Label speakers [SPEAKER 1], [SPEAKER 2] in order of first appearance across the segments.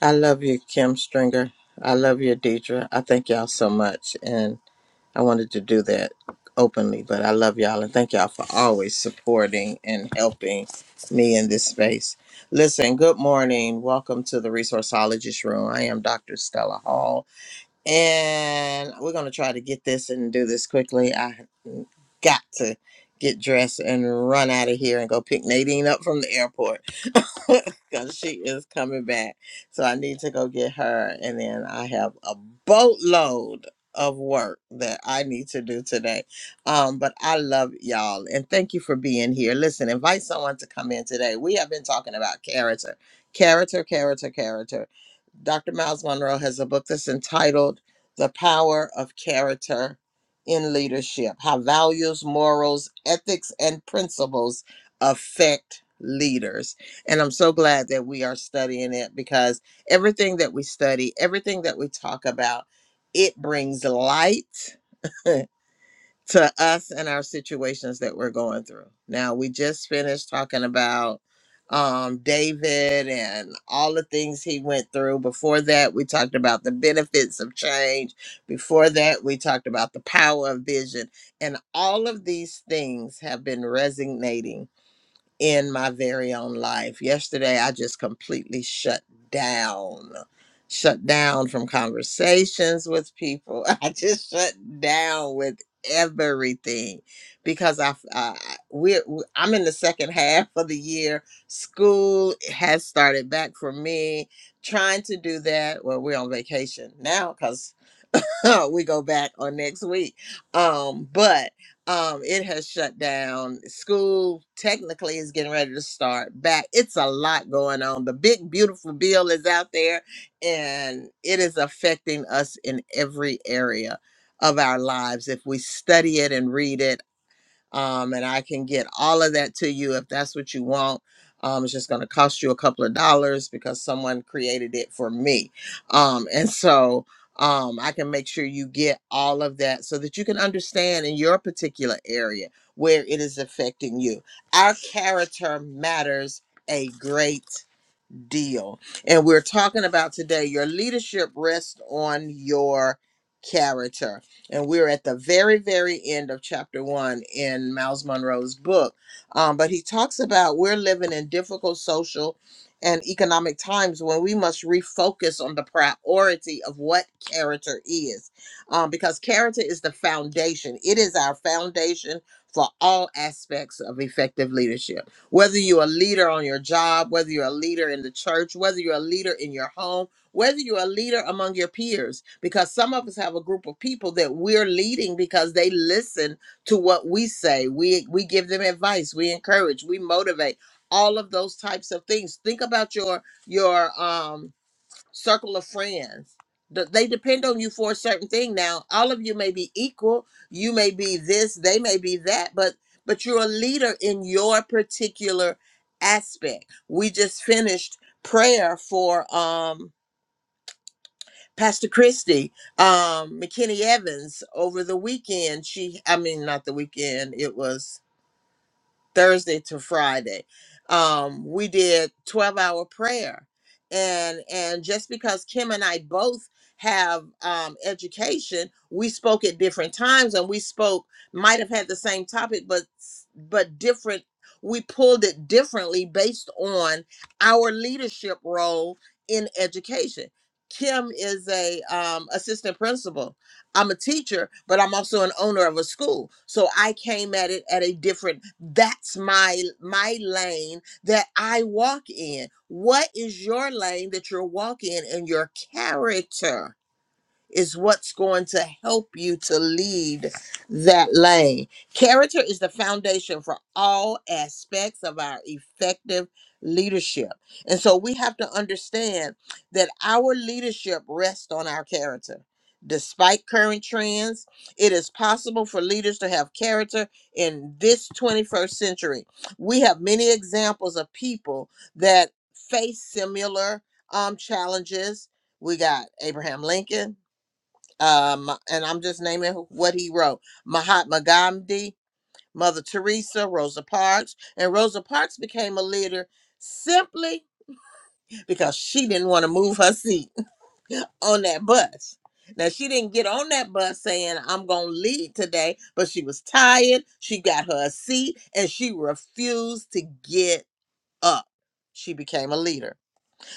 [SPEAKER 1] I love you, Kim Stringer. I love you, Deidre. I thank y'all so much. And I wanted to do that openly, but I love y'all and thank y'all for always supporting and helping me in this space. Listen, good morning. Welcome to the Resourceologist Room. I am Dr. Stella Hall, and we're going to try to get this and do this quickly. I got to get dressed and run out of here and go pick Nadine up from the airport. because she is coming back. So I need to go get her. And then I have a boatload of work that I need to do today. Um, but I love y'all and thank you for being here. Listen, invite someone to come in today. We have been talking about character, character, character, character. Dr. Miles Monroe has a book that's entitled The Power of Character in Leadership How Values, Morals, Ethics, and Principles Affect Leaders. And I'm so glad that we are studying it because everything that we study, everything that we talk about, it brings light to us and our situations that we're going through. Now, we just finished talking about um, David and all the things he went through. Before that, we talked about the benefits of change. Before that, we talked about the power of vision. And all of these things have been resonating in my very own life. Yesterday, I just completely shut down, shut down from conversations with people. I just shut down with everything because I, I we I'm in the second half of the year. School has started back for me. Trying to do that. Well, we're on vacation now because we go back on next week. Um, but um, it has shut down. School technically is getting ready to start back. It's a lot going on. The big, beautiful bill is out there, and it is affecting us in every area of our lives if we study it and read it um, and I can get all of that to you if that's what you want. Um, it's just going to cost you a couple of dollars because someone created it for me. Um, and so um, I can make sure you get all of that so that you can understand in your particular area where it is affecting you. Our character matters a great deal. And we're talking about today your leadership rests on your character. And we're at the very, very end of chapter one in Miles Monroe's book. Um, but he talks about we're living in difficult social and economic times when we must refocus on the priority of what character is. Um, because character is the foundation, it is our foundation for all aspects of effective leadership. Whether you're a leader on your job, whether you're a leader in the church, whether you're a leader in your home, whether you're a leader among your peers, because some of us have a group of people that we're leading because they listen to what we say. We we give them advice, we encourage, we motivate, all of those types of things. Think about your your um circle of friends. Th- They depend on you for a certain thing. Now, all of you may be equal. You may be this, they may be that, but but you're a leader in your particular aspect. We just finished prayer for um Pastor Christy, um McKinney Evans over the weekend. She I mean not the weekend, it was Thursday to Friday. Um, we did 12 hour prayer. And and just because Kim and I both have um, education, we spoke at different times and we spoke might have had the same topic, but s- but different. We pulled it differently based on our leadership role in education. Kim is a um, assistant principal I'm a teacher, but I'm also an owner of a school. So I came at it at a different that's my my lane that I walk in. What is your lane that you're walking in and your character? is what's going to help you to lead that lane. Character is the foundation for all aspects of our effective leadership. And so we have to understand that our leadership rests on our character. Despite current trends, it is possible for leaders to have character in this 21st century. We have many examples of people that face similar um, challenges. We got Abraham Lincoln, um, and I'm just naming who- what he wrote Mahatma Gandhi, Mother Teresa, Rosa Parks. And Rosa Parks became a leader simply because she didn't want to move her seat on that bus. Now, she didn't get on that bus saying, I'm going to lead today, but she was tired. She got her a seat and she refused to get up. She became a leader.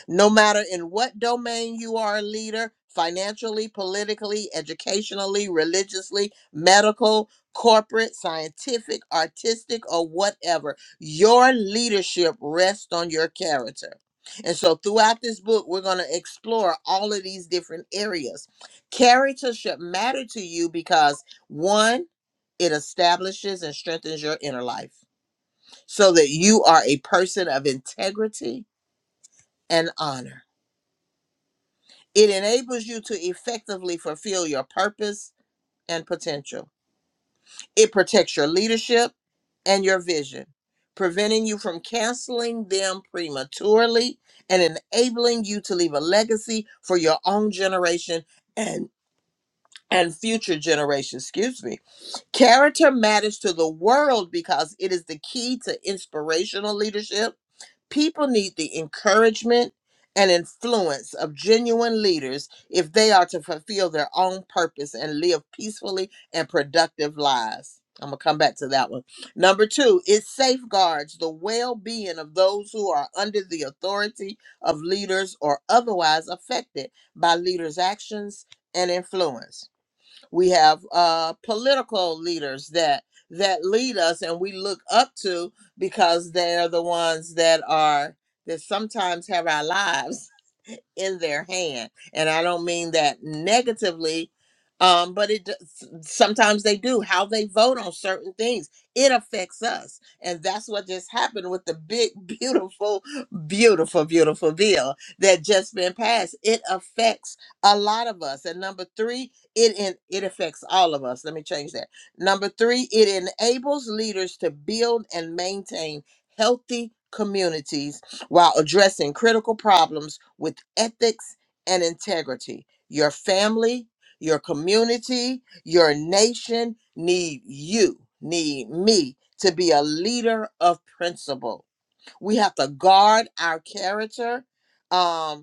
[SPEAKER 1] No matter in what domain you are a leader, financially, politically, educationally, religiously, medical, corporate, scientific, artistic, or whatever, your leadership rests on your character. And so throughout this book, we're going to explore all of these different areas. Character should matter to you because one, it establishes and strengthens your inner life so that you are a person of integrity and honor. It enables you to effectively fulfill your purpose and potential. It protects your leadership and your vision, preventing you from canceling them prematurely and enabling you to leave a legacy for your own generation and and future generations, excuse me. Character matters to the world because it is the key to inspirational leadership People need the encouragement and influence of genuine leaders if they are to fulfill their own purpose and live peacefully and productive lives. I'm going to come back to that one. Number two, it safeguards the well being of those who are under the authority of leaders or otherwise affected by leaders' actions and influence we have uh political leaders that that lead us and we look up to because they're the ones that are that sometimes have our lives in their hand. And I don't mean that negatively, um, but it does- sometimes they do. How they vote on certain things, it affects us. And that's what just happened with the big, beautiful, beautiful, beautiful bill that just been passed. It affects a lot of us. And number three, it in, it affects all of us. Let me change that. Number three, it enables leaders to build and maintain healthy communities while addressing critical problems with ethics and integrity. Your family, your community, your nation need you, need me to be a leader of principle. We have to guard our character. Um,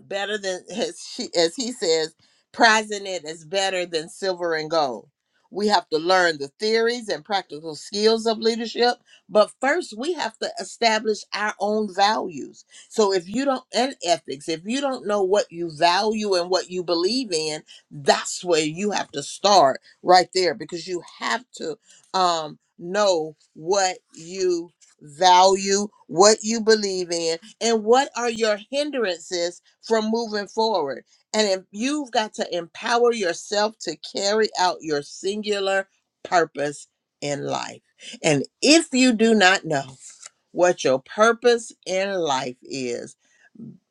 [SPEAKER 1] better than as she as he says prizing it is better than silver and gold we have to learn the theories and practical skills of leadership but first we have to establish our own values so if you don't and ethics if you don't know what you value and what you believe in that's where you have to start right there because you have to um know what you value what you believe in and what are your hindrances from moving forward and if you've got to empower yourself to carry out your singular purpose in life and if you do not know what your purpose in life is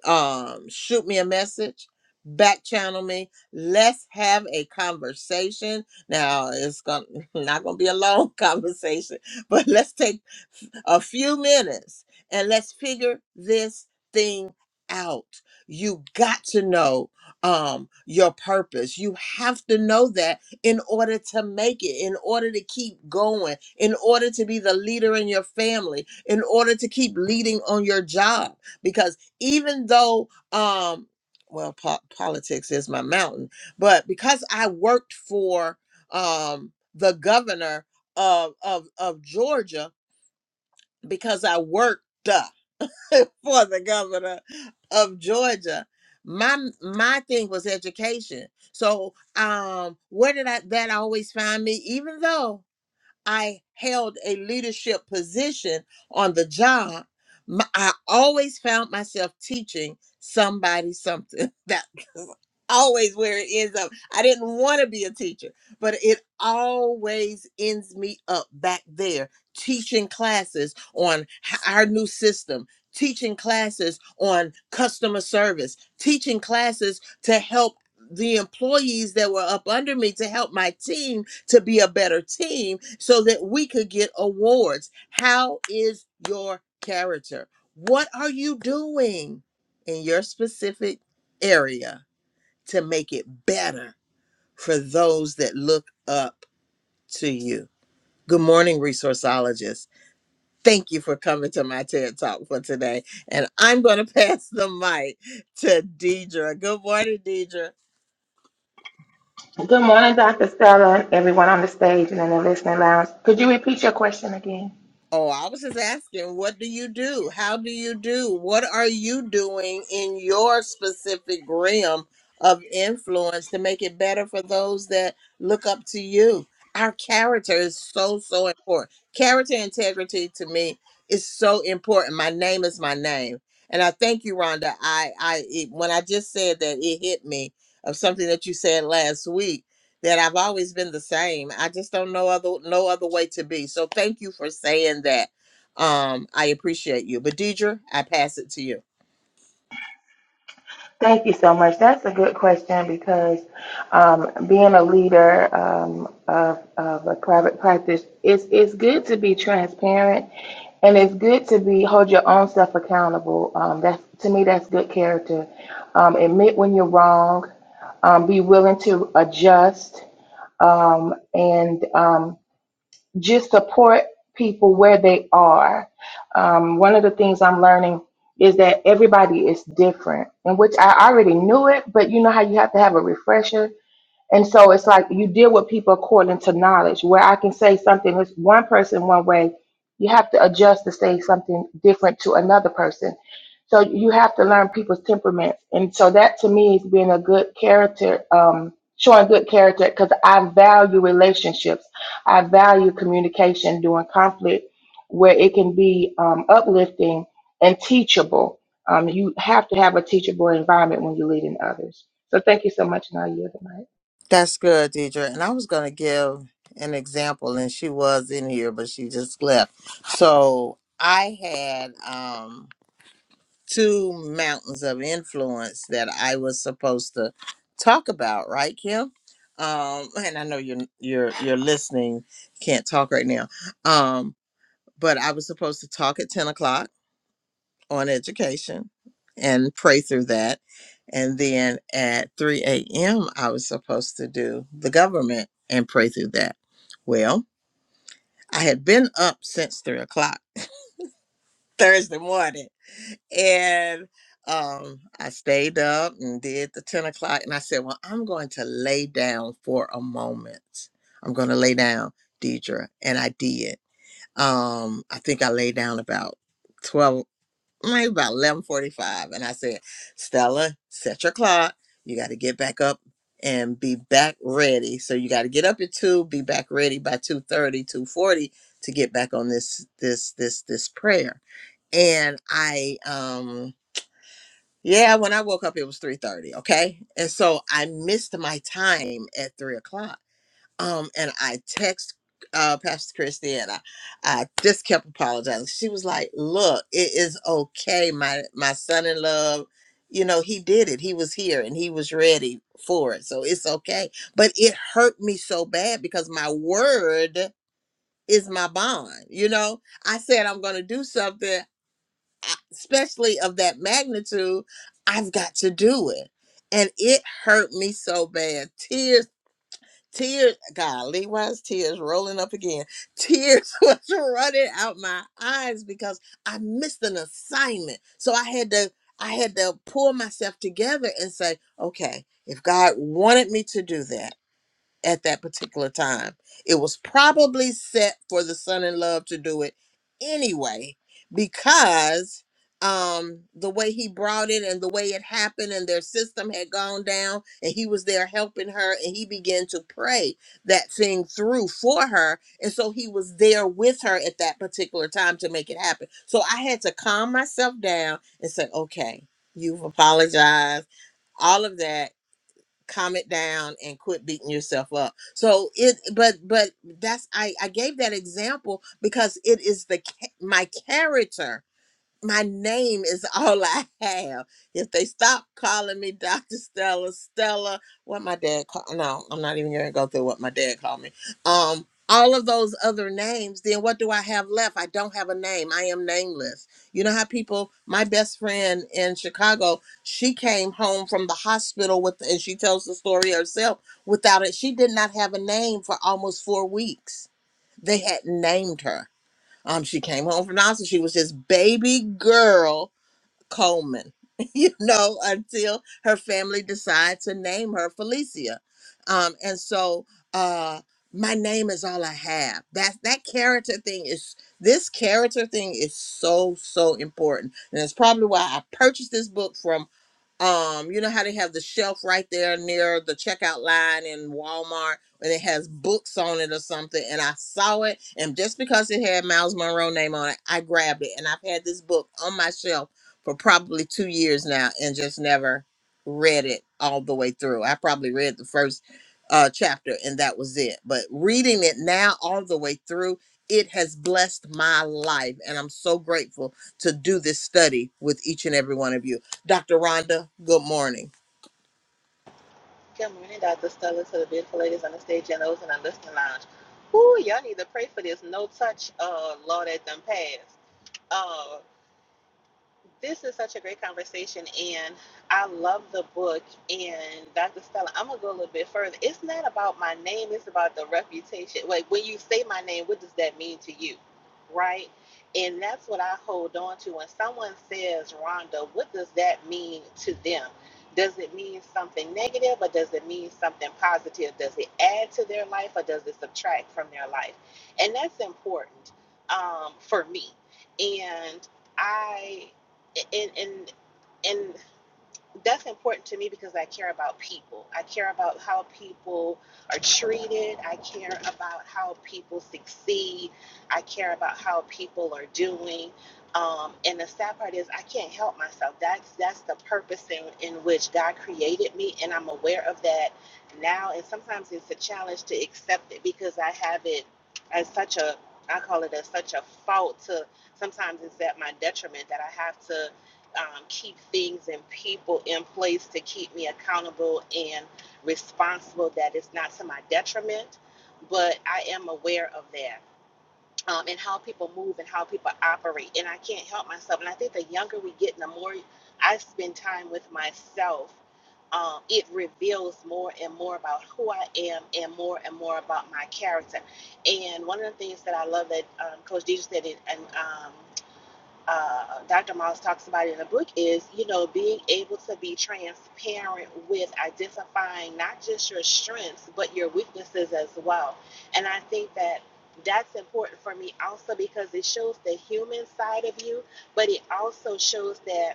[SPEAKER 1] um shoot me a message back channel me let's have a conversation now it's gonna not gonna be a long conversation but let's take a few minutes and let's figure this thing out. You got to know um, your purpose. You have to know that in order to make it, in order to keep going, in order to be the leader in your family, in order to keep leading on your job. Because even though, um, well, po- politics is my mountain, but because I worked for um, the governor of, of, of Georgia, because I worked uh, for the governor of Georgia. My my thing was education. So um where did I that always find me, even though I held a leadership position on the job, m- I always found myself teaching somebody something. That was always where it ends up. I didn't want to be a teacher, but it always ends me up back there teaching classes on h- our new system. Teaching classes on customer service, teaching classes to help the employees that were up under me to help my team to be a better team so that we could get awards. How is your character? What are you doing in your specific area to make it better for those that look up to you? Good morning, resourceologists. Thank you for coming to my TED Talk for today. And I'm going to pass the mic to Deidre. Good morning, Deidre.
[SPEAKER 2] Good morning, Dr. Stella, and everyone on the stage and in the listening lounge. Could you repeat your question again?
[SPEAKER 1] Oh, I was just asking, what do you do? How do you do? What are you doing in your specific realm of influence to make it better for those that look up to you? Our character is so, so important. Character integrity to me is so important. My name is my name. And I thank you, Rhonda. I, I, it, when I just said that, it hit me of something that you said last week that I've always been the same. I just don't know other no other way to be. So thank you for saying that. Um, I appreciate you. But Deidre, I pass it to you.
[SPEAKER 2] Thank you so much. That's a good question because um, being a leader um, of, of a private practice, it's, it's good to be transparent and it's good to be hold your own self accountable. Um, that's to me, that's good character. Um, admit when you're wrong, um, be willing to adjust, um, and um, just support people where they are. Um, one of the things I'm learning is that everybody is different, in which I already knew it, but you know how you have to have a refresher and so it's like you deal with people according to knowledge. Where I can say something is one person one way, you have to adjust to say something different to another person. So you have to learn people's temperaments. And so that to me is being a good character, um, showing good character because I value relationships. I value communication during conflict where it can be um, uplifting and teachable. Um, you have to have a teachable environment when you're leading others. So thank you so much, Nadia. tonight.
[SPEAKER 1] That's good, Deidre. And I was going to give an example, and she was in here, but she just left. So I had um, two mountains of influence that I was supposed to talk about, right, Kim? Um, and I know you're you're you're listening, can't talk right now. Um, but I was supposed to talk at 10 o'clock on education and pray through that. And then at 3 a.m., I was supposed to do the government and pray through that. Well, I had been up since 3 o'clock Thursday morning. And um, I stayed up and did the 10 o'clock. And I said, Well, I'm going to lay down for a moment. I'm going to lay down, Deidre. And I did. Um, I think I lay down about 12. maybe about 11:45 and I said, "Stella, set your clock. You got to get back up and be back ready. So you got to get up at 2, be back ready by two thirty, two forty to get back on this this this this prayer." And I um yeah, when I woke up it was 3:30, okay? And so I missed my time at 3 o'clock um and I text uh Pastor Christy and I, I just kept apologizing. She was like, "Look, it is okay. My my son in love, you know, he did it. He was here and he was ready for it. So it's okay." But it hurt me so bad because my word is my bond. You know, I said I'm going to do something I- especially of that magnitude, I've got to do it. And it hurt me so bad. Tears Tears, golly, why is tears rolling up again? Tears was running out my eyes because I missed an assignment. So I had to, I had to pull myself together and say, okay, if God wanted me to do that at that particular time. It was probably set for the son in love to do it anyway because um the way he brought it and the way it happened and their system had gone down and he was there helping her and he began to pray that thing through for her and so he was there with her at that particular time to make it happen so i had to calm myself down and say okay you've apologized all of that calm it down and quit beating yourself up so it but but that's i i gave that example because it is the cha- my character my name is all I have. If they stop calling me Dr. Stella, Stella, what my dad called, no, I'm not even gonna go through what my dad called me. Um, all of those other names, then what do I have left? I don't have a name. I am nameless. You know how people, my best friend in Chicago, she came home from the hospital with, and she tells the story herself without it. She did not have a name for almost four weeks. They had named her um, she came home from the hospital. She was just baby girl Coleman, you know, until her family decided to name her Felicia. Um, and so uh my name is all I have. That that character thing is this character thing is so, so important. And it's probably why I purchased this book from um you know how they have the shelf right there near the checkout line in Walmart and it has books on it or something and I saw it and just because it had Miles Monroe name on it I grabbed it and I've had this book on my shelf for probably 2 years now and just never read it all the way through. I probably read the first uh chapter and that was it. But reading it now all the way through it has blessed my life and I'm so grateful to do this study with each and every one of you. Dr. Rhonda, good morning.
[SPEAKER 3] Good morning, Dr. Stella, to the beautiful ladies on the stage and those in the listening lounge. Ooh, y'all need to pray for this no touch uh, law that done passed. Uh, this is such a great conversation, and I love the book. And Dr. Stella, I'm gonna go a little bit further. It's not about my name; it's about the reputation. Like when you say my name, what does that mean to you, right? And that's what I hold on to. When someone says Rhonda, what does that mean to them? Does it mean something negative, or does it mean something positive? Does it add to their life, or does it subtract from their life? And that's important um, for me. And I and and and that's important to me because I care about people. I care about how people are treated. I care about how people succeed. I care about how people are doing. Um, and the sad part is I can't help myself. That's that's the purpose in, in which God created me, and I'm aware of that now. And sometimes it's a challenge to accept it because I have it as such a I call it as such a fault to sometimes it's at my detriment that I have to um, keep things and people in place to keep me accountable and responsible that it's not to my detriment, but I am aware of that. Um, and how people move and how people operate. And I can't help myself. And I think the younger we get, and the more I spend time with myself, um, it reveals more and more about who I am and more and more about my character. And one of the things that I love that um, Coach Deidre said, it, and um, uh, Dr. Moss talks about in the book is, you know, being able to be transparent with identifying not just your strengths, but your weaknesses as well. And I think that that's important for me also because it shows the human side of you, but it also shows that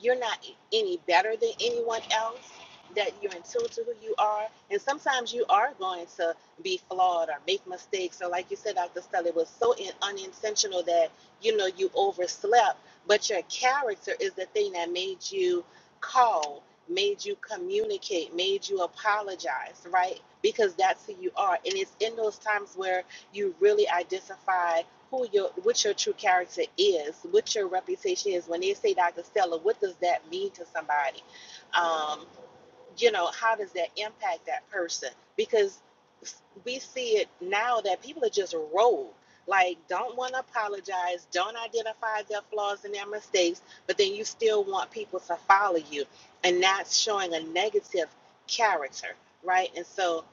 [SPEAKER 3] you're not e, any better than anyone else, that you're in tune to who you are. And sometimes you are going to be flawed or make mistakes. Or like you said, Dr. Stelly, was so in, unintentional that, you know, you overslept. But your character is the thing that made you call, made you communicate, made you apologize, right? Because that's who you are. And it's in those times where you really identify who your what your true character is, what your reputation is. When they say Dr. Stella, what does that mean to somebody? Um, you know, how does that impact that person? Because we see it now that people are just rogue. Like, don't want to apologize, don't identify their flaws and their mistakes, but then you still want people to follow you. And that's showing a negative character, right? And so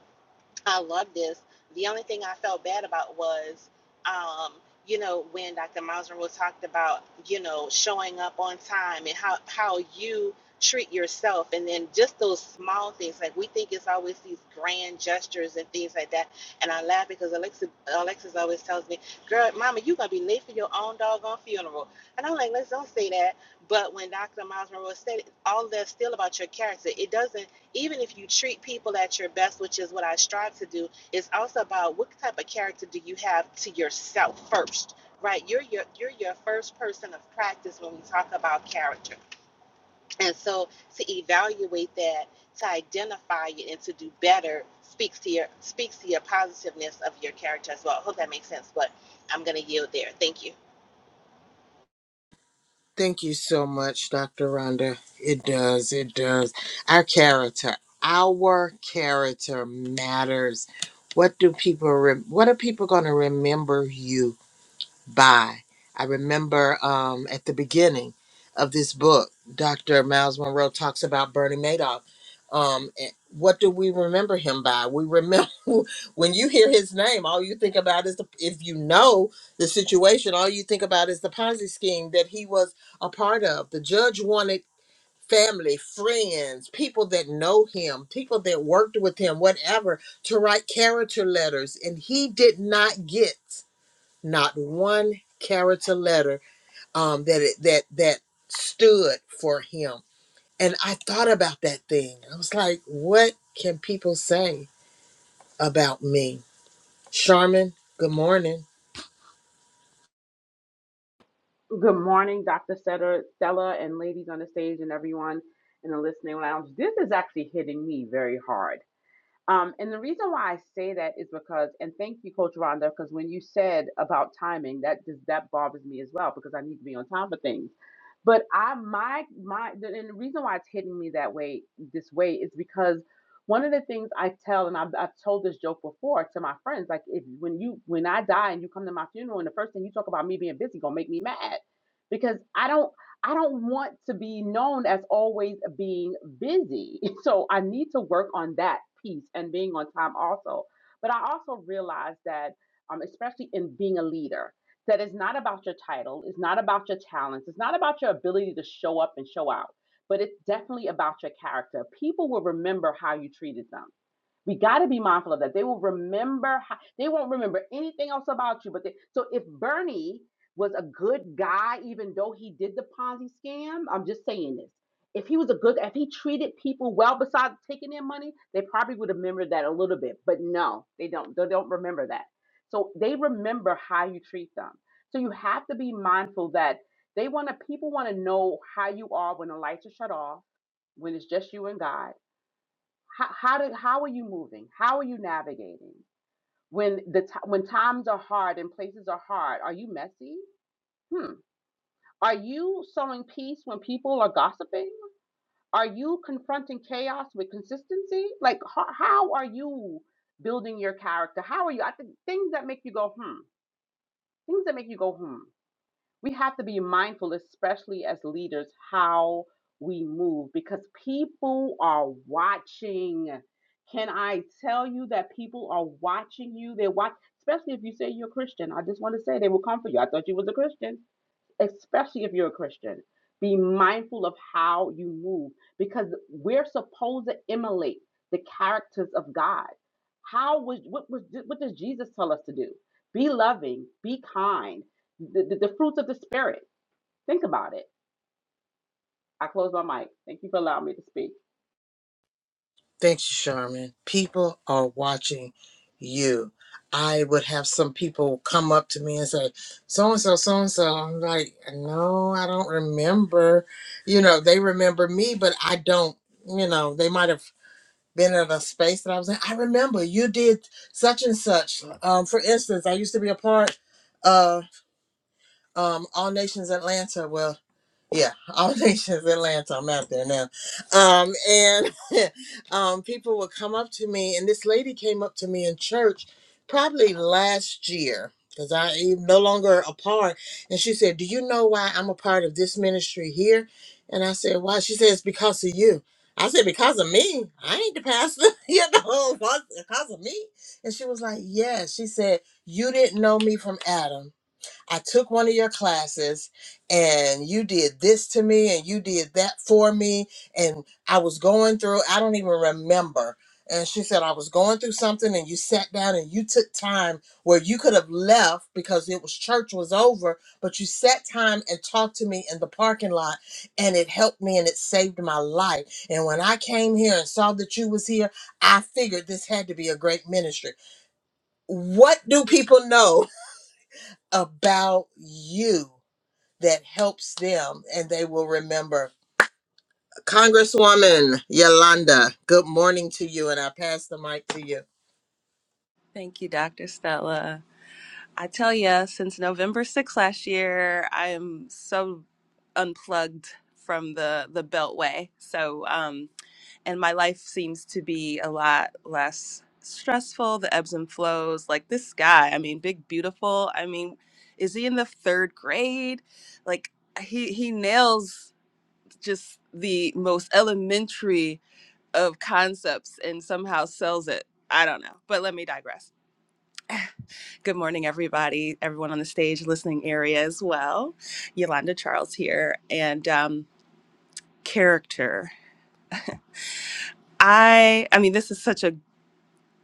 [SPEAKER 3] I love this. The only thing I felt bad about was, um, you know, when Dr. Maslow talked about, you know, showing up on time and how, how you treat yourself. And then just those small things, like we think it's always these grand gestures and things like that. And I laugh because Alexis Alexis always tells me, girl, mama, you going to be late for your own doggone funeral. And I'm like, let's don't say that. But when Dr. Miles Monroe said it, all that's still about your character. It doesn't even if you treat people at your best, which is what I strive to do, it's also about what type of character do you have to yourself first, right? You're your you're your first person of practice when we talk about character, and so to evaluate that, to identify it, and to do better speaks to your speaks to your positiveness of your character as well. I hope that makes sense, but I'm gonna yield there. Thank you.
[SPEAKER 1] Thank you so much, Dr. Rhonda. It does, it does. Our character, our character matters. What do people, re- what are people going to remember you by. I remember um, at the beginning of this book, Dr. Miles Monroe talks about Bernie Madoff. Um, and what do we remember him by? We remember when you hear his name, all you think about is the, if you know the situation, all you think about is the Ponzi scheme that he was a part of. The judge wanted family, friends, people that know him, people that worked with him, whatever, to write character letters, and he did not get not one character letter um, that it, that that stood for him. And I thought about that thing. I was like, what can people say about me? Charmin, good morning.
[SPEAKER 4] Good morning, Dr. Setter- Stella and ladies on the stage and everyone in the listening lounge. This is actually hitting me very hard. Um, and the reason why I say that is because, and thank you, Coach Rhonda, because when you said about timing, that just that bothers me as well because I need to be on time for things. But I my my the- and the reason why it's hitting me that way this way is because one of the things I tell, and I've, I've told this joke before to my friends, like if when you when I die and you come to my funeral, and the first thing you talk about me being busy gonna make me mad because I don't I don't want to be known as always being busy. So I need to work on that piece and being on time also. But I also realize that, um, especially in being a leader, that it's not about your title, it's not about your talents, it's not about your ability to show up and show out, but it's definitely about your character. People will remember how you treated them we got to be mindful of that. They will remember. How, they won't remember anything else about you. But they, so if Bernie was a good guy, even though he did the Ponzi scam, I'm just saying this. If he was a good, if he treated people well, besides taking their money, they probably would remember that a little bit. But no, they don't. They don't remember that. So they remember how you treat them. So you have to be mindful that they want to. People want to know how you are when the lights are shut off, when it's just you and God how how did how are you moving? How are you navigating when the t- when times are hard and places are hard? Are you messy? Hmm. Are you sowing peace when people are gossiping? Are you confronting chaos with consistency? Like how, how are you building your character? How are you? I think things that make you go hmm. Things that make you go hmm. we have to be mindful, especially as leaders, how we move because people are watching. Can I tell you that people are watching you? They're watch, especially if you say you're a Christian. I just want to say they will come for you. I thought you was a Christian especially if you're a Christian. Be mindful of how you move because we're supposed to emulate the characters of God. How was what was what does Jesus tell us to do? Be loving, be kind, the, the, the fruits of the spirit. Think about it. I close my mic. Thank you for allowing me to speak.
[SPEAKER 1] Thanks, Charmin. People are watching you. I would have some people come up to me and say, so and so, so and so. I'm like, no, I don't remember. You know, they remember me, but I don't, you know, they might have been in a space that I was in. I remember you did such and such. Um, for instance, I used to be a part of um, All Nations Atlanta. Well yeah, all nations Atlanta. I'm out there now. Um, and um, people would come up to me, and this lady came up to me in church probably last year because I am no longer a part. And she said, Do you know why I'm a part of this ministry here? And I said, Why? She said, It's because of you. I said, Because of me. I ain't the pastor. you know, because of me. And she was like, Yes. She said, You didn't know me from Adam I took one of your classes and you did this to me and you did that for me. And I was going through, I don't even remember. And she said, I was going through something and you sat down and you took time where you could have left because it was church was over, but you sat time and talked to me in the parking lot and it helped me and it saved my life. And when I came here and saw that you was here, I figured this had to be a great ministry. What do people know about you? that helps them and they will remember. Congresswoman Yolanda, good morning to you, and I pass the mic to you.
[SPEAKER 5] Thank you, Dr. Stella. I tell you, since November 6th last year, I am so unplugged from the the beltway. So, um, and my life seems to be a lot less stressful. The ebbs and flows, like this guy. I mean, big, beautiful. I mean, is he in the third grade? Like he he nails just the most elementary of concepts and somehow sells it. I don't know, but let me digress. Good morning, everybody, everyone on the stage, listening area as well. Yolanda Charles here, and um, character. I, I mean, this is such a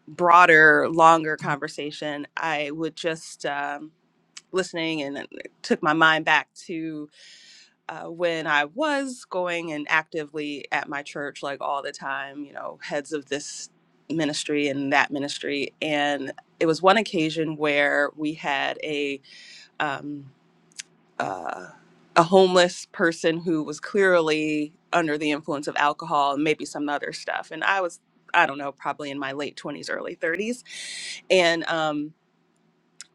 [SPEAKER 5] broader, longer conversation. I would just um, listening and it took my mind back to uh, when I was going and actively at my church, like all the time. You know, heads of this ministry and that ministry, and it was one occasion where we had a um, uh, a homeless person who was clearly under the influence of alcohol and maybe some other stuff. And I was, I don't know, probably in my late 20s, early 30s. And um,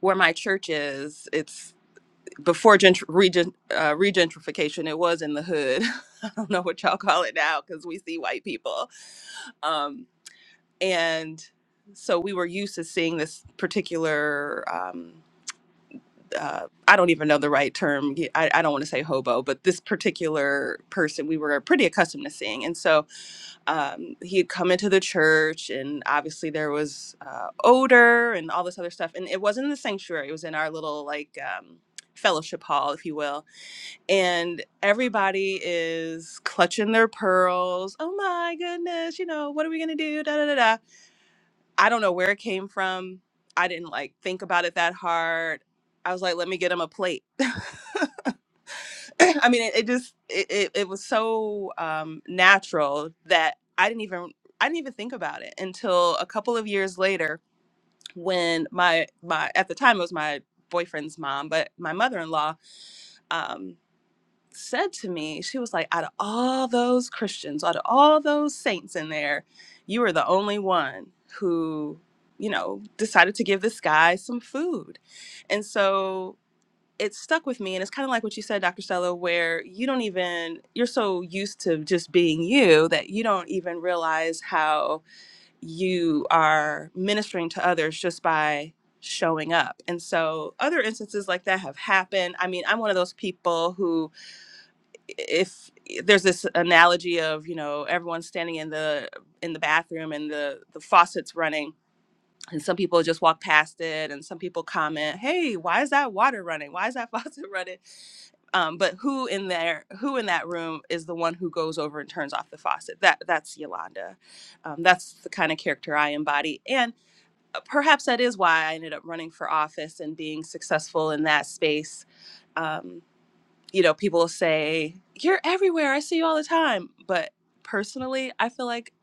[SPEAKER 5] where my church is, it's before gentr- regent, uh, regentrification, it was in the hood. I don't know what y'all call it now because we see white people. Um, and so we were used to seeing this particular. um, uh, I don't even know the right term. I, I don't want to say hobo, but this particular person we were pretty accustomed to seeing. And so um, he had come into the church, and obviously there was uh, odor and all this other stuff. And it wasn't in the sanctuary, it was in our little, like, um, fellowship hall, if you will. And everybody is clutching their pearls. Oh my goodness, you know, what are we going to do? Da, da, da, da. I don't know where it came from. I didn't like think about it that hard. I was like, let me get him a plate I mean, it, it just it, it, it was so um, natural that I didn't even I didn't even think about it until a couple of years later when my my at the time it was my boyfriend's mom, but my mother in law um, said to me, she was like, out of all those Christians, out of all those saints in there, you were the only one who you know decided to give this guy some food, and so it stuck with me and it's kind of like what you said dr stella where you don't even you're so used to just being you that you don't even realize how you are ministering to others just by showing up and so other instances like that have happened i mean i'm one of those people who if there's this analogy of you know everyone standing in the in the bathroom and the the faucet's running and some people just walk past it and some people comment hey why is that water running why is that faucet running um, but who in there who in that room is the one who goes over and turns off the faucet that that's yolanda um, that's the kind of character i embody and uh, perhaps that is why i ended up running for office and being successful in that space um, you know people say you're everywhere i see you all the time but personally i feel like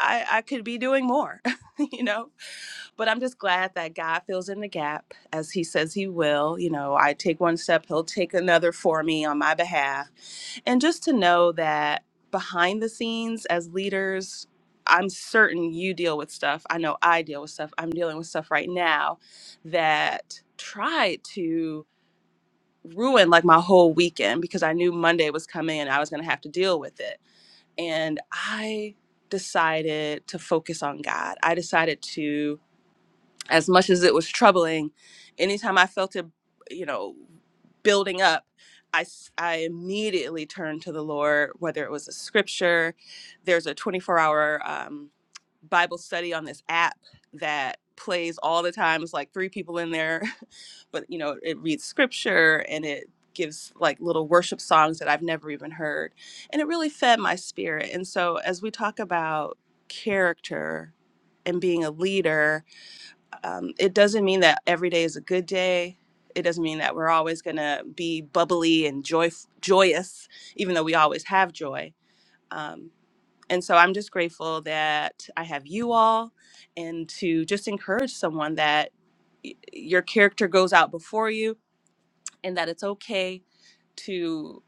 [SPEAKER 5] i, I could be doing more you know but I'm just glad that God fills in the gap as He says He will. You know, I take one step, He'll take another for me on my behalf. And just to know that behind the scenes as leaders, I'm certain you deal with stuff. I know I deal with stuff. I'm dealing with stuff right now that tried to ruin like my whole weekend because I knew Monday was coming and I was going to have to deal with it. And I decided to focus on God. I decided to as much as it was troubling, anytime I felt it, you know, building up, I, s- I immediately turned to the Lord, whether it was a scripture, there's a 24 hour um, Bible study on this app that plays all the time. It's like three people in there, but you know, it reads scripture and it gives like little worship songs that I've never even heard. And it really fed my spirit. And so as we talk about character and being a leader, um, it doesn't mean that every day is a good day. It doesn't mean that we're always going to be bubbly and joy- joyous, even though we always have joy. Um, and so I'm just grateful that I have you all and to just encourage someone that y- your character goes out before you and that it's okay to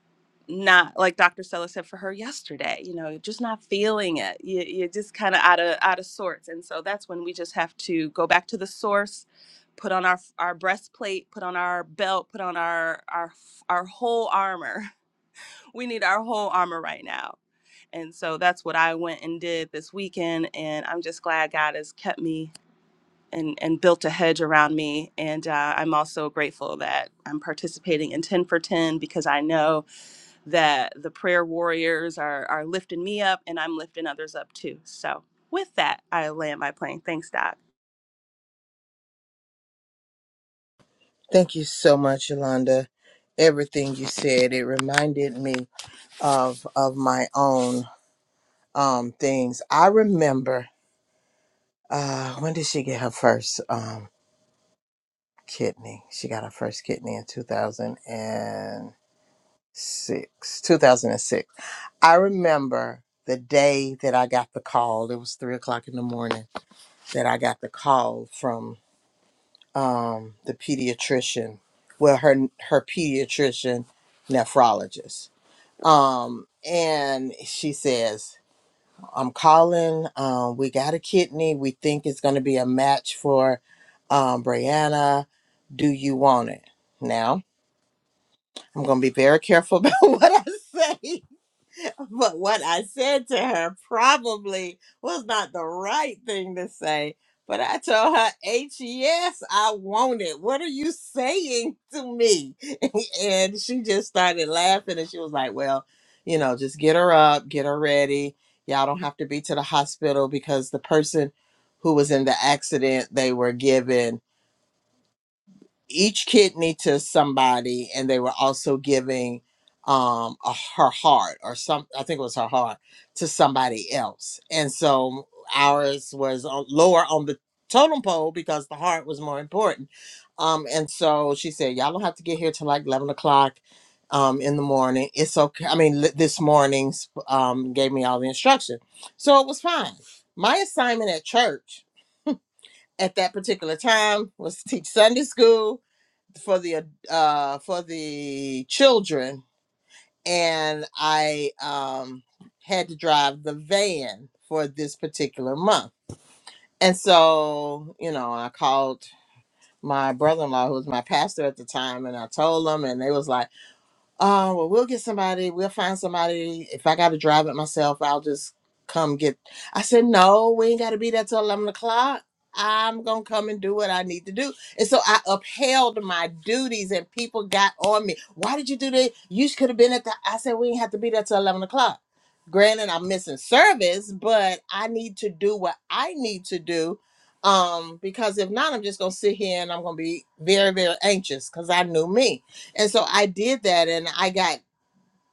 [SPEAKER 5] not like Dr. Stella said for her yesterday, you know, just not feeling it. You, you're just kind of out of out of sorts, and so that's when we just have to go back to the source, put on our our breastplate, put on our belt, put on our our our whole armor. We need our whole armor right now, and so that's what I went and did this weekend, and I'm just glad God has kept me and and built a hedge around me. And uh, I'm also grateful that I'm participating in 10 for 10 because I know that the prayer warriors are are lifting me up, and I'm lifting others up too. So with that, I land my plane. Thanks, Doc.
[SPEAKER 1] Thank you so much, Yolanda. Everything you said, it reminded me of of my own um things. I remember uh when did she get her first um kidney? She got her first kidney in 2006. 2006. I remember the day that I got the call. It was three o'clock in the morning that I got the call from um, the pediatrician, well, her her pediatrician nephrologist, um, and she says, "I'm calling. Um, we got a kidney. We think it's going to be a match for um, Brianna. Do you want it?" Now, I'm going to be very careful about what I say but what I said to her probably was not the right thing to say. But I told her, H, yes, I want it. What are you saying to me? and she just started laughing and she was like, Well, you know, just get her up, get her ready. Y'all don't have to be to the hospital because the person who was in the accident, they were given each kidney to somebody and they were also giving um a, her heart or some i think it was her heart to somebody else and so ours was on, lower on the totem pole because the heart was more important um and so she said y'all don't have to get here till like 11 o'clock um in the morning it's okay i mean li- this morning's um gave me all the instruction so it was fine my assignment at church at that particular time was to teach sunday school for the uh for the children and I um had to drive the van for this particular month. And so, you know, I called my brother-in-law who was my pastor at the time and I told him and they was like uh, well, we'll get somebody. We'll find somebody. If I got to drive it myself, I'll just come get. I said, no, we ain't got to be there till 11 o'clock. I'm going to come and do what I need to do. And so I upheld my duties and people got on me. Why did you do that? You could have been at the, I said, we ain't have to be there till 11 o'clock. Granted, I'm missing service, but I need to do what I need to do. Um, because if not, I'm just going to sit here and I'm going to be very, very anxious because I knew me. And so I did that and I got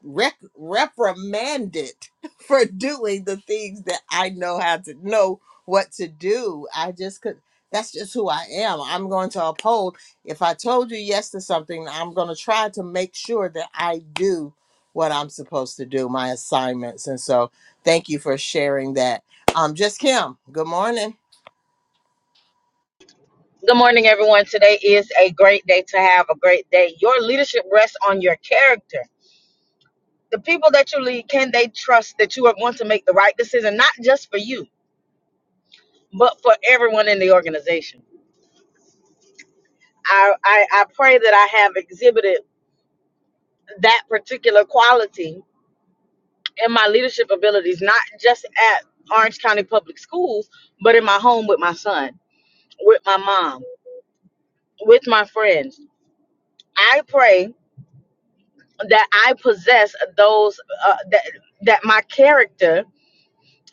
[SPEAKER 1] rec- reprimanded for doing the things that I know how to know what to do. I just could that's just who I am. I'm going to uphold. If I told you yes to something, I'm going to try to make sure that I do what I'm supposed to do, my assignments. And so thank you for sharing that. Um just Kim, good morning.
[SPEAKER 6] Good morning, everyone. Today is a great day to have a great day. Your leadership rests on your character. The people that you lead, can they trust that you are going to make the right decision, not just for you, but for everyone in the organization? I, I, I pray that I have exhibited that particular quality in my leadership abilities, not just at Orange County Public Schools, but in my home with my son, with my mom, with my friends. I pray that I possess those uh, that that my character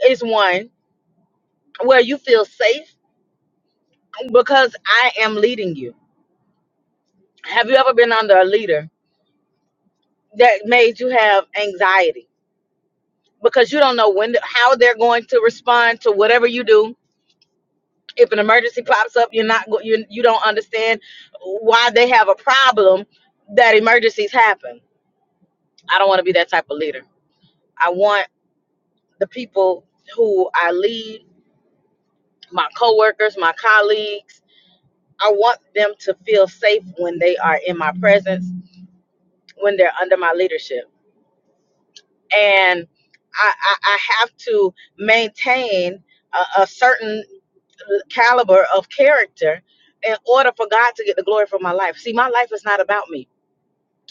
[SPEAKER 6] is one where you feel safe because I am leading you. Have you ever been under a leader that made you have anxiety because you don't know when how they're going to respond to whatever you do? If an emergency pops up, you're not go- you you don't understand why they have a problem that emergencies happen. I don't want to be that type of leader. I want the people who I lead my coworkers, my colleagues. I want them to feel safe when they are in my presence, when they're under my leadership. And I, I, I have to maintain a, a certain caliber of character in order for God to get the glory for my life. See, my life is not about me.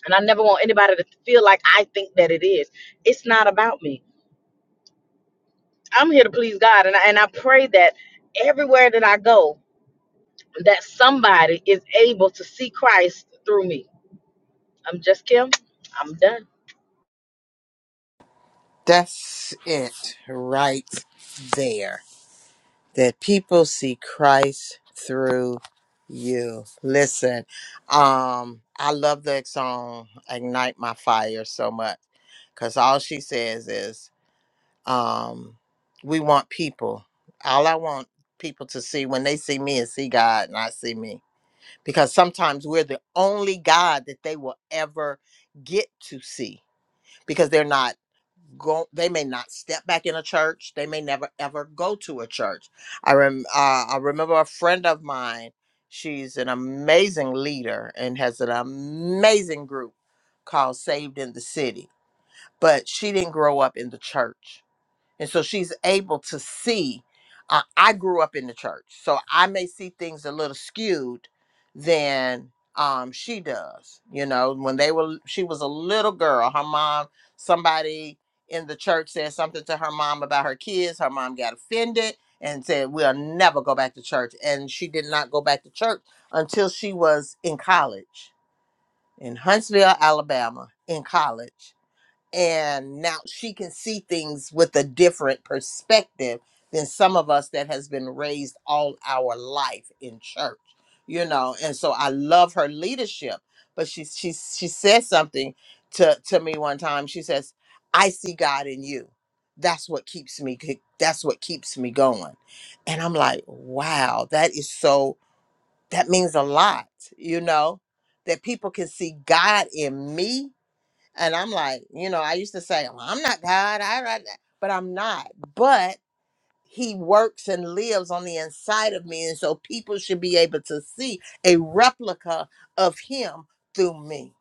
[SPEAKER 6] And I never want anybody to feel like I think that it is. It's not about me. I'm here to please God. And I, and I pray that everywhere that I go, that somebody is able to see Christ through me I'm just Kim. I'm done.
[SPEAKER 1] That's it right there. that people see Christ through you. Listen, um, I love the song Ignite My Fire so much because all she says is, um, we want people. All I want people to see when they see me is see God, not see me. Because sometimes we're the only God that they will ever get to see because they're not go they may not step back in a church they may never ever go to a church i rem uh, i remember a friend of mine she's an amazing leader and has an amazing group called saved in the city but she didn't grow up in the church and so she's able to see. Uh, I grew up in the church, so I may see things a little skewed than um, she does. You know, when they were, she was a little girl. Her mom, somebody in the church said something to her mom about her kids. Her mom got offended and said, "We'll never go back to church." And she did not go back to church until she was in college in Huntsville, Alabama, in college and now she can see things with a different perspective than some of us that has been raised all our life in church you know and so i love her leadership but she she she said something to to me one time she says i see god in you that's what keeps me that's what keeps me going and i'm like wow that is so that means a lot you know that people can see god in me and I'm like, you know, I used to say, "Well, I'm not God, I, I, but I'm not. But He works and lives on the inside of me, and so people should be able to see a replica of Him through me.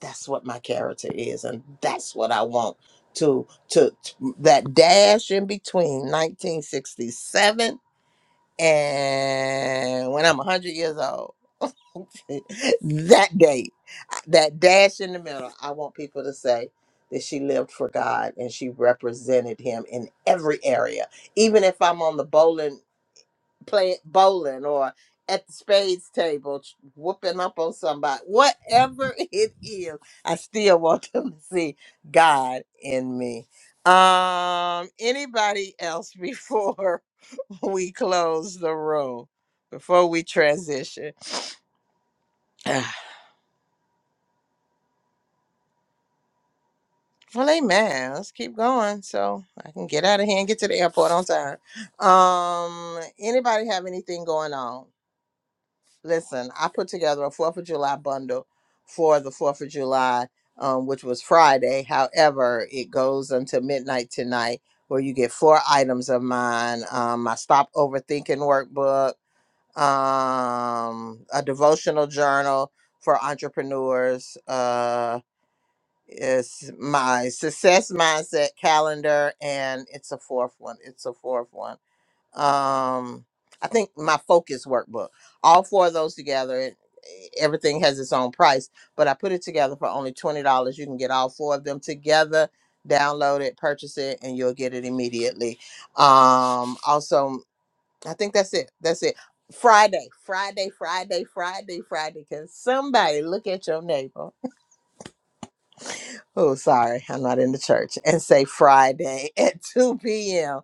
[SPEAKER 1] That's what my character is, and that's what I want to to, to that dash in between 1967 and when I'm 100 years old. that date that dash in the middle, I want people to say that she lived for God and she represented him in every area. Even if I'm on the bowling play bowling or at the spades table ch- whooping up on somebody, whatever it is, I still want them to see God in me. Um anybody else before we close the room, before we transition? Well, amen. Let's keep going so I can get out of here and get to the airport on time. Um, anybody have anything going on? Listen, I put together a Fourth of July bundle for the Fourth of July, um, which was Friday. However, it goes until midnight tonight, where you get four items of mine: um, my Stop Overthinking workbook, um, a devotional journal for entrepreneurs. Uh, it's my success mindset calendar, and it's a fourth one. It's a fourth one. Um, I think my focus workbook. All four of those together, it, everything has its own price, but I put it together for only twenty dollars. You can get all four of them together, download it, purchase it, and you'll get it immediately. Um, also, I think that's it. That's it. Friday, Friday, Friday, Friday, Friday. Can somebody look at your neighbor? oh, sorry, I'm not in the church, and say Friday at 2 p.m.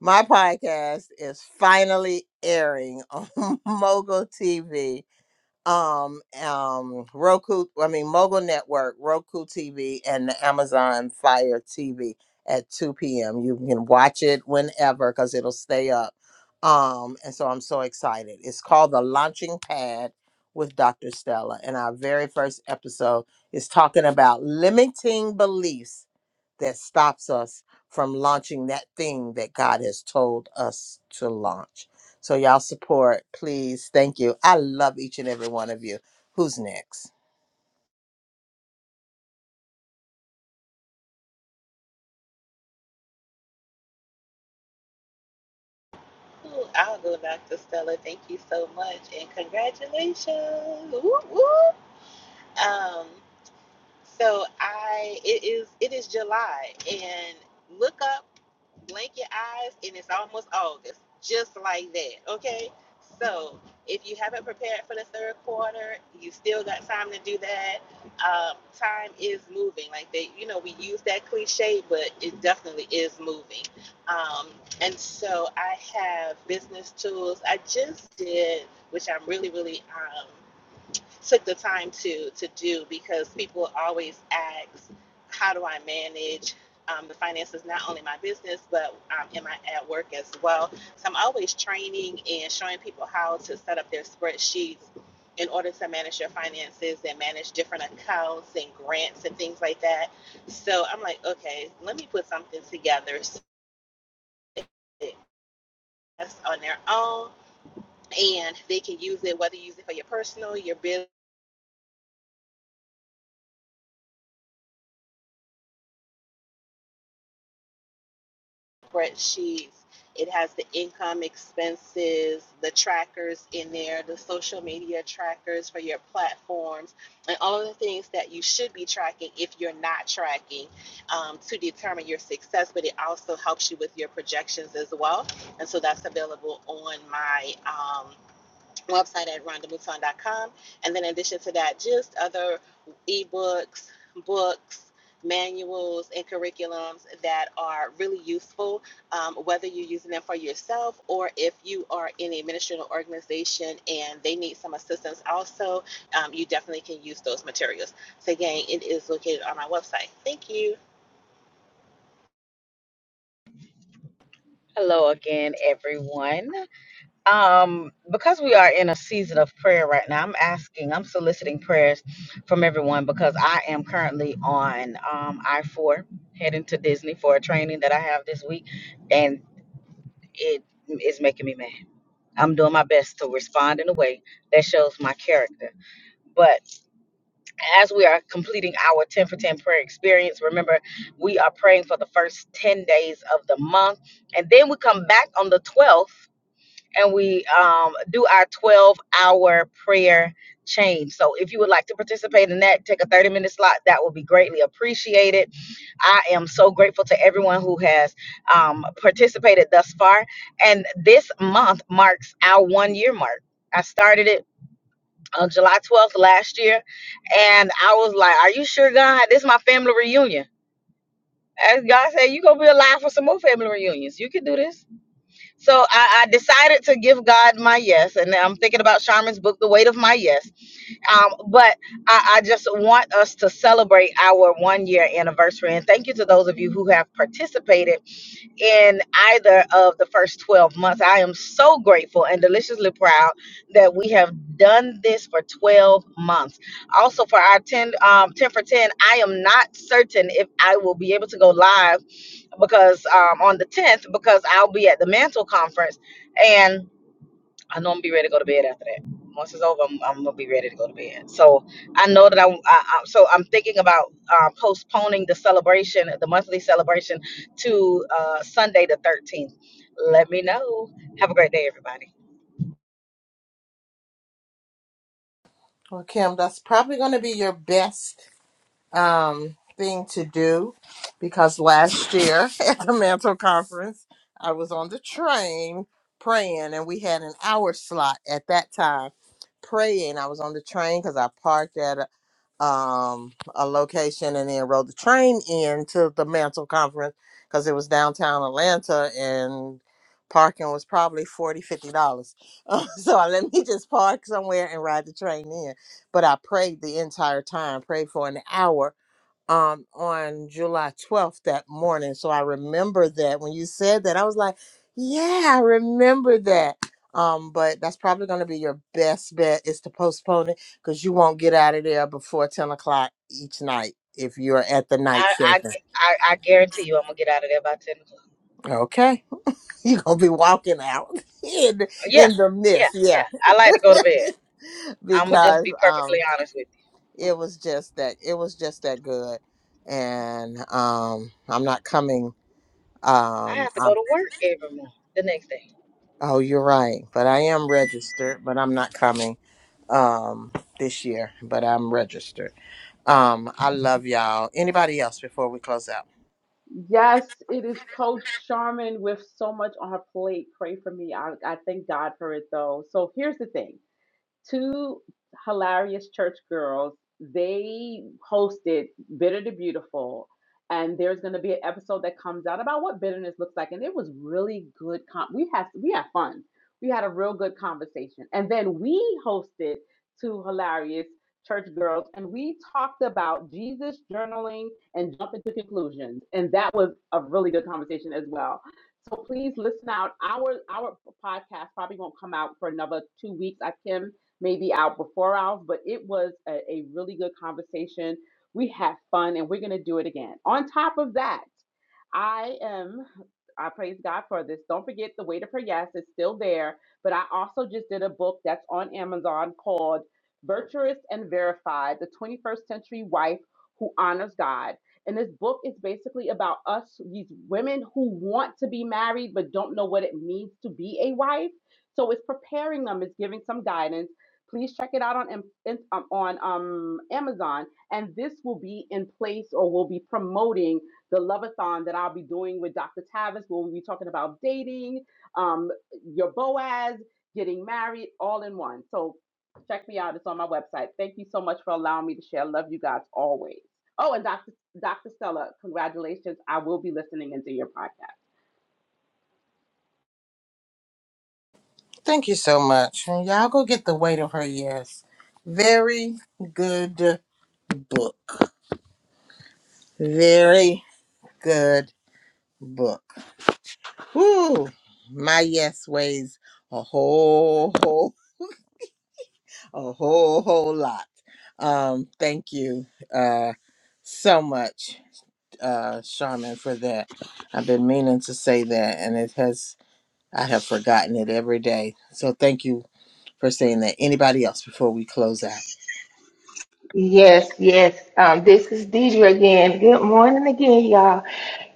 [SPEAKER 1] My podcast is finally airing on Mogul TV um um Roku I mean Mogul Network, Roku TV and the Amazon Fire TV at 2 p.m. You can watch it whenever cuz it'll stay up. Um and so I'm so excited. It's called The Launching Pad with Dr. Stella and our very first episode is talking about limiting beliefs that stops us from launching that thing that God has told us to launch. So y'all support, please. Thank you. I love each and every one of you. Who's next?
[SPEAKER 3] Ooh, I'll go, Dr. Stella. Thank you so much, and congratulations. Woo, woo. Um, So I it is it is July and look up, blink your eyes, and it's almost August. Just like that. Okay? So if you haven't prepared for the third quarter, you still got time to do that. Um, time is moving. Like they you know, we use that cliche, but it definitely is moving. Um, and so I have business tools. I just did, which I'm really, really um, took the time to to do because people always ask, how do I manage um, the finances not only my business but um, am I at work as well? So I'm always training and showing people how to set up their spreadsheets in order to manage your finances and manage different accounts and grants and things like that. So I'm like, okay, let me put something together so that's on their own and they can use it whether you use it for your personal, your business spreadsheets. It has the income expenses, the trackers in there, the social media trackers for your platforms, and all of the things that you should be tracking if you're not tracking um, to determine your success. But it also helps you with your projections as well. And so that's available on my. Um, website at Rhonda Mouton dot com, And then in addition to that, just other ebooks, books, manuals, and curriculums that are really useful, um, whether you're using them for yourself or if you are in a ministerial organization and they need some assistance also, um, you definitely can use those materials. So again, it is located on my website. Thank you.
[SPEAKER 6] Hello again, everyone. Um, because we are in a season of prayer right now, I'm asking, I'm soliciting prayers from everyone because I am currently on um, I 4 heading to Disney for a training that I have this week, and it is making me mad. I'm doing my best to respond in a way that shows my character. but. as we are completing our 10 for 10 prayer experience, remember we are praying for the first 10 days of the month. And then we come back on the 12th and we um, do our 12 hour prayer change. So if you would like to participate in that, take a 30 minute slot. That will be greatly appreciated. I am so grateful to everyone who has um, participated thus far. And this month marks our one year mark. I started it on July 12th last year, and I was like, "Are you sure, God? This is my family reunion." And God said, "You gonna be alive for some more family reunions. You can do this." So I, I decided to give God my yes, and I'm thinking about Charmin's book, "The Weight of My Yes." Um, but I, I just want us to celebrate our one year anniversary, and thank you to those of you who have participated in either of the first 12 months. I am so grateful and deliciously proud that we have done this for 12 months. Also, for our 10, um, 10 for 10, I am not certain if I will be able to go live because um, on the 10th, because I'll be at the Mantle Conference. And I know I'm gonna be ready to go to bed after that. Once it's over, I'm, I'm gonna be ready to go to bed. So I know that I, I, I so I'm thinking about uh, postponing the celebration, the monthly celebration, to uh, Sunday the 13th. Let me know. Have a great day, everybody.
[SPEAKER 1] Well, Kim, that's probably going to be your best um, thing to do because last year at the Mantle Conference, I was on the train praying, and we had an hour slot at that time praying. I was on the train because I parked at um, a location and then rode the train in to the Mantle Conference because it was downtown Atlanta and parking was probably 40, 50 dollars so i let me just park somewhere and ride the train in but i prayed the entire time prayed for an hour um on July 12th that morning. So I remember that when you said that, I was like, yeah, I remember that. Um, but that's probably gonna be your best bet is to postpone it because you won't get out of there before 10 o'clock each night if you're at the night
[SPEAKER 6] I, I,
[SPEAKER 1] session.
[SPEAKER 6] I, I guarantee you, I'm gonna get out of there by 10 o'clock.
[SPEAKER 1] Okay. You're gonna be walking out in
[SPEAKER 6] Uh, Yeah,
[SPEAKER 1] in the
[SPEAKER 6] yeah,
[SPEAKER 1] mist,
[SPEAKER 6] yeah.
[SPEAKER 1] yeah.
[SPEAKER 6] I like to go to bed. I'm gonna just
[SPEAKER 1] because
[SPEAKER 6] be perfectly
[SPEAKER 1] um
[SPEAKER 6] honest with you.
[SPEAKER 1] it was just that it was just that good. And um I'm not coming
[SPEAKER 6] I
[SPEAKER 1] Um,
[SPEAKER 6] have to
[SPEAKER 1] I,
[SPEAKER 6] go to work every morning the next day.
[SPEAKER 1] oh, you're right. But I am registered, but I'm not coming um this year. But I'm registered. Um, I love y'all. Anybody else before we close out?
[SPEAKER 4] Yes, it is Coach Charmin with so much on her plate. Pray for me. I, I thank God for it though. So here's the thing. two hilarious church girls. They hosted Bitter to Beautiful, and there's going to be an episode that comes out about what bitterness looks like. And it was really good. Com- we had we had fun. We had a real good conversation, and then we hosted two hilarious church girls, and we talked about Jesus journaling and jumping to conclusions, and that was a really good conversation as well. So please listen out. Our our podcast probably won't come out for another two weeks. I Kim maybe out before ours, but it was a, a really good conversation. We had fun and we're going to do it again. On top of that, I am, I praise God for this. Don't forget the Waiter for Yes is still there, but I also just did a book that's on Amazon called Virtuous and Verified The 21st Century Wife Who Honors God. And this book is basically about us, these women who want to be married but don't know what it means to be a wife. So it's preparing them, it's giving some guidance. Please check it out on um, on um, Amazon, and this will be in place or will be promoting the Loveathon that I'll be doing with Dr. Tavis. where We'll be talking about dating, um, your Boaz, getting married, all in one. So check me out. It's on my website. Thank you so much for allowing me to share. Love you guys always. Oh, and Dr. Dr. Stella, congratulations. I will be listening into your podcast.
[SPEAKER 1] Thank you so much. And y'all go get the weight of her yes. Very good book. Very good book. Woo! My yes weighs a whole, whole, a whole, whole lot. Um, thank you. Uh so much. uh, Charmin, for that. I've been meaning to say that, and it has, I have forgotten it every day. So thank you for saying that. Anybody else before we close out?
[SPEAKER 2] Yes, yes. Um, this is Deidre again. Good morning again, y'all.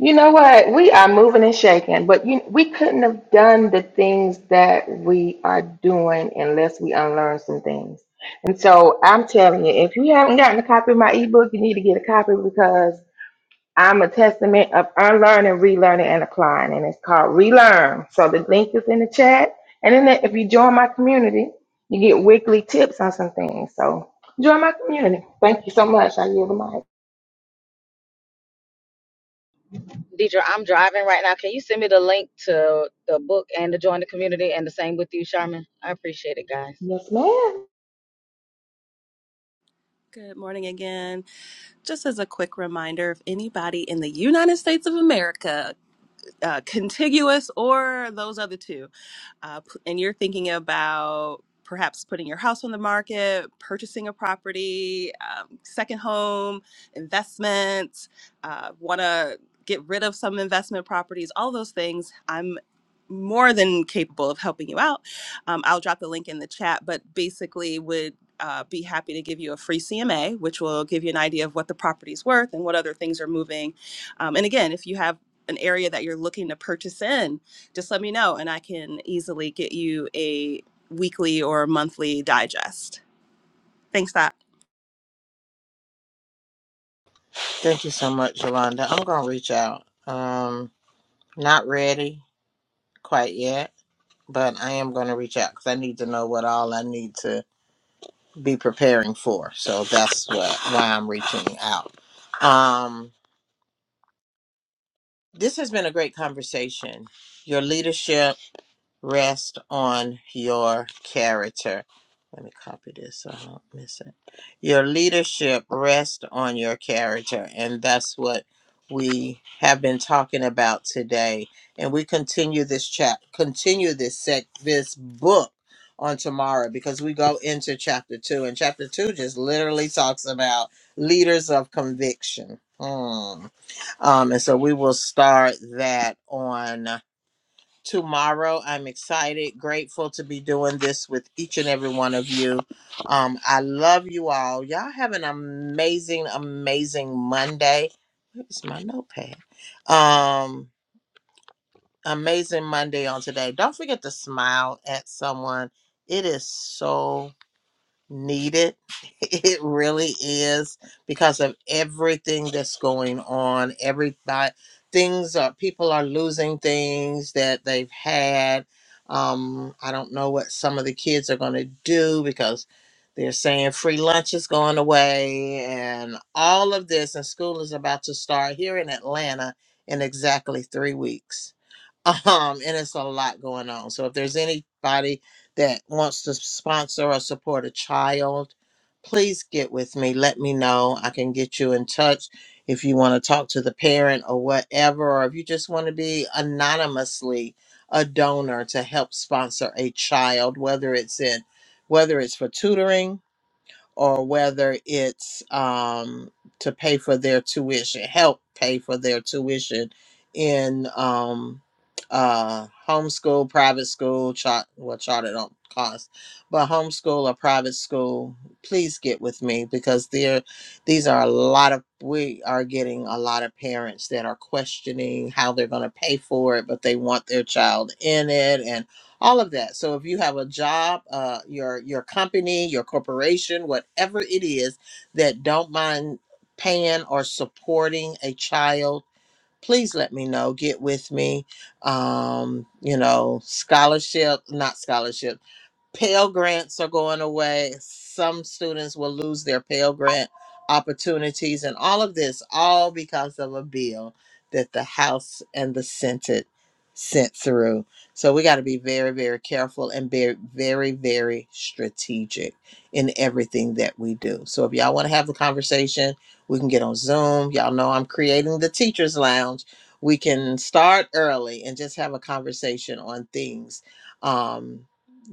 [SPEAKER 2] You know what? We are moving and shaking, but you, we couldn't have done the things that we are doing unless we unlearn some things. And so I'm telling you, if you haven't gotten a copy of my ebook, you need to get a copy I'm a testament of unlearning, relearning, and applying, and it's called Relearn. So the link is in the chat, and then if you join my community, you get weekly tips on some things. So join my community. Thank you so much. I yield the mic.
[SPEAKER 6] Deidre, I'm driving right now. Can you send me the link to the book and to join the community and the same with you, Sharman? I appreciate it, guys.
[SPEAKER 2] Yes, ma'am.
[SPEAKER 5] Good morning again. Just as a quick reminder, if anybody in the United States of America, uh, contiguous or those other two, uh, and you're thinking about perhaps putting your house on the market, purchasing a property, um, second home, investments, uh, want to get rid of some investment properties, all those things, I'm more than capable of helping you out. Um, I'll drop the link in the chat, but basically would uh, be happy to give you a free CMA, which will give you an idea of what the property's worth and what other things are moving. Um, and again, if you have an area that you're looking to purchase in, just let me know and I can easily get you a weekly or monthly digest. Thanks, that.
[SPEAKER 1] Thank you so much, Yolanda. I'm going to reach out. Um, not ready quite yet, but I am going to reach out because I need to know what all I need to. be preparing for. So that's what, why I'm reaching out. Um, this has been a great conversation. Your leadership rest on your character. Let me copy this so I don't miss it. Your leadership rests on your character. And that's what we have been talking about today. And we continue this chat, continue this sec, this book on tomorrow because we go into chapter two. And chapter two just literally talks about leaders of conviction. Hmm. Um, and so we will start that on tomorrow. I'm excited, grateful to be doing this with each and every one of you. Um, I love you all. Y'all have an amazing, amazing Monday. Where's my notepad? Um, amazing Monday on today. Don't forget to smile at someone. It is so needed. It really is because of everything that's going on. Everybody, things are, people are losing things that they've had. Um, I don't know what some of the kids are going to do because they're saying free lunch is going away and all of this, and school is about to start here in Atlanta in exactly three weeks um and it's a lot going on so if there's anybody that wants to sponsor or support a child please get with me let me know i can get you in touch if you want to talk to the parent or whatever or if you just want to be anonymously a donor to help sponsor a child whether it's in whether it's for tutoring or whether it's um, to pay for their tuition, help pay for their tuition in um, uh, homeschool, private school, chart, well, charter don't cost, but homeschool or private school, please get with me because there, these are a lot of, we are getting a lot of parents that are questioning how they're going to pay for it, but they want their child in it. and all of that so if you have a job uh your your company your corporation whatever it is that don't mind paying or supporting a child please let me know get with me um you know scholarship not scholarships. Pell grants are going away. Some students will lose their Pell grant opportunities, and all of this, all because of a bill that the House and the Senate sent through. So we got to be very, very careful and be very, very strategic in everything that we do. So if y'all want to have the conversation, we can get on Zoom. Y'all know I'm creating the Teachers Lounge. We can start early and just have a conversation on things. Um,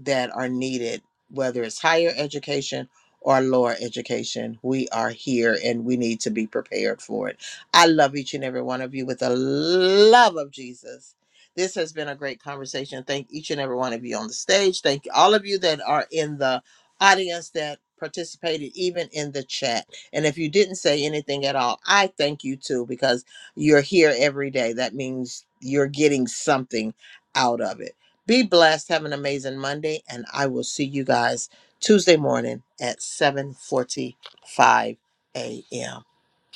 [SPEAKER 1] that are needed, whether it's higher education or lower education. We are here and we need to be prepared for it. I love each and every one of you with the love of Jesus. This has been a great conversation. Thank each and every one of you on the stage. Thank all of you that are in the audience that participated even in the chat. And if you didn't say anything at all, I thank you too because you're here every day. That means you're getting something out of it. Be blessed. Have an amazing Monday, and I will see you guys Tuesday morning at 7:45 a.m.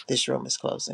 [SPEAKER 1] This room is closing.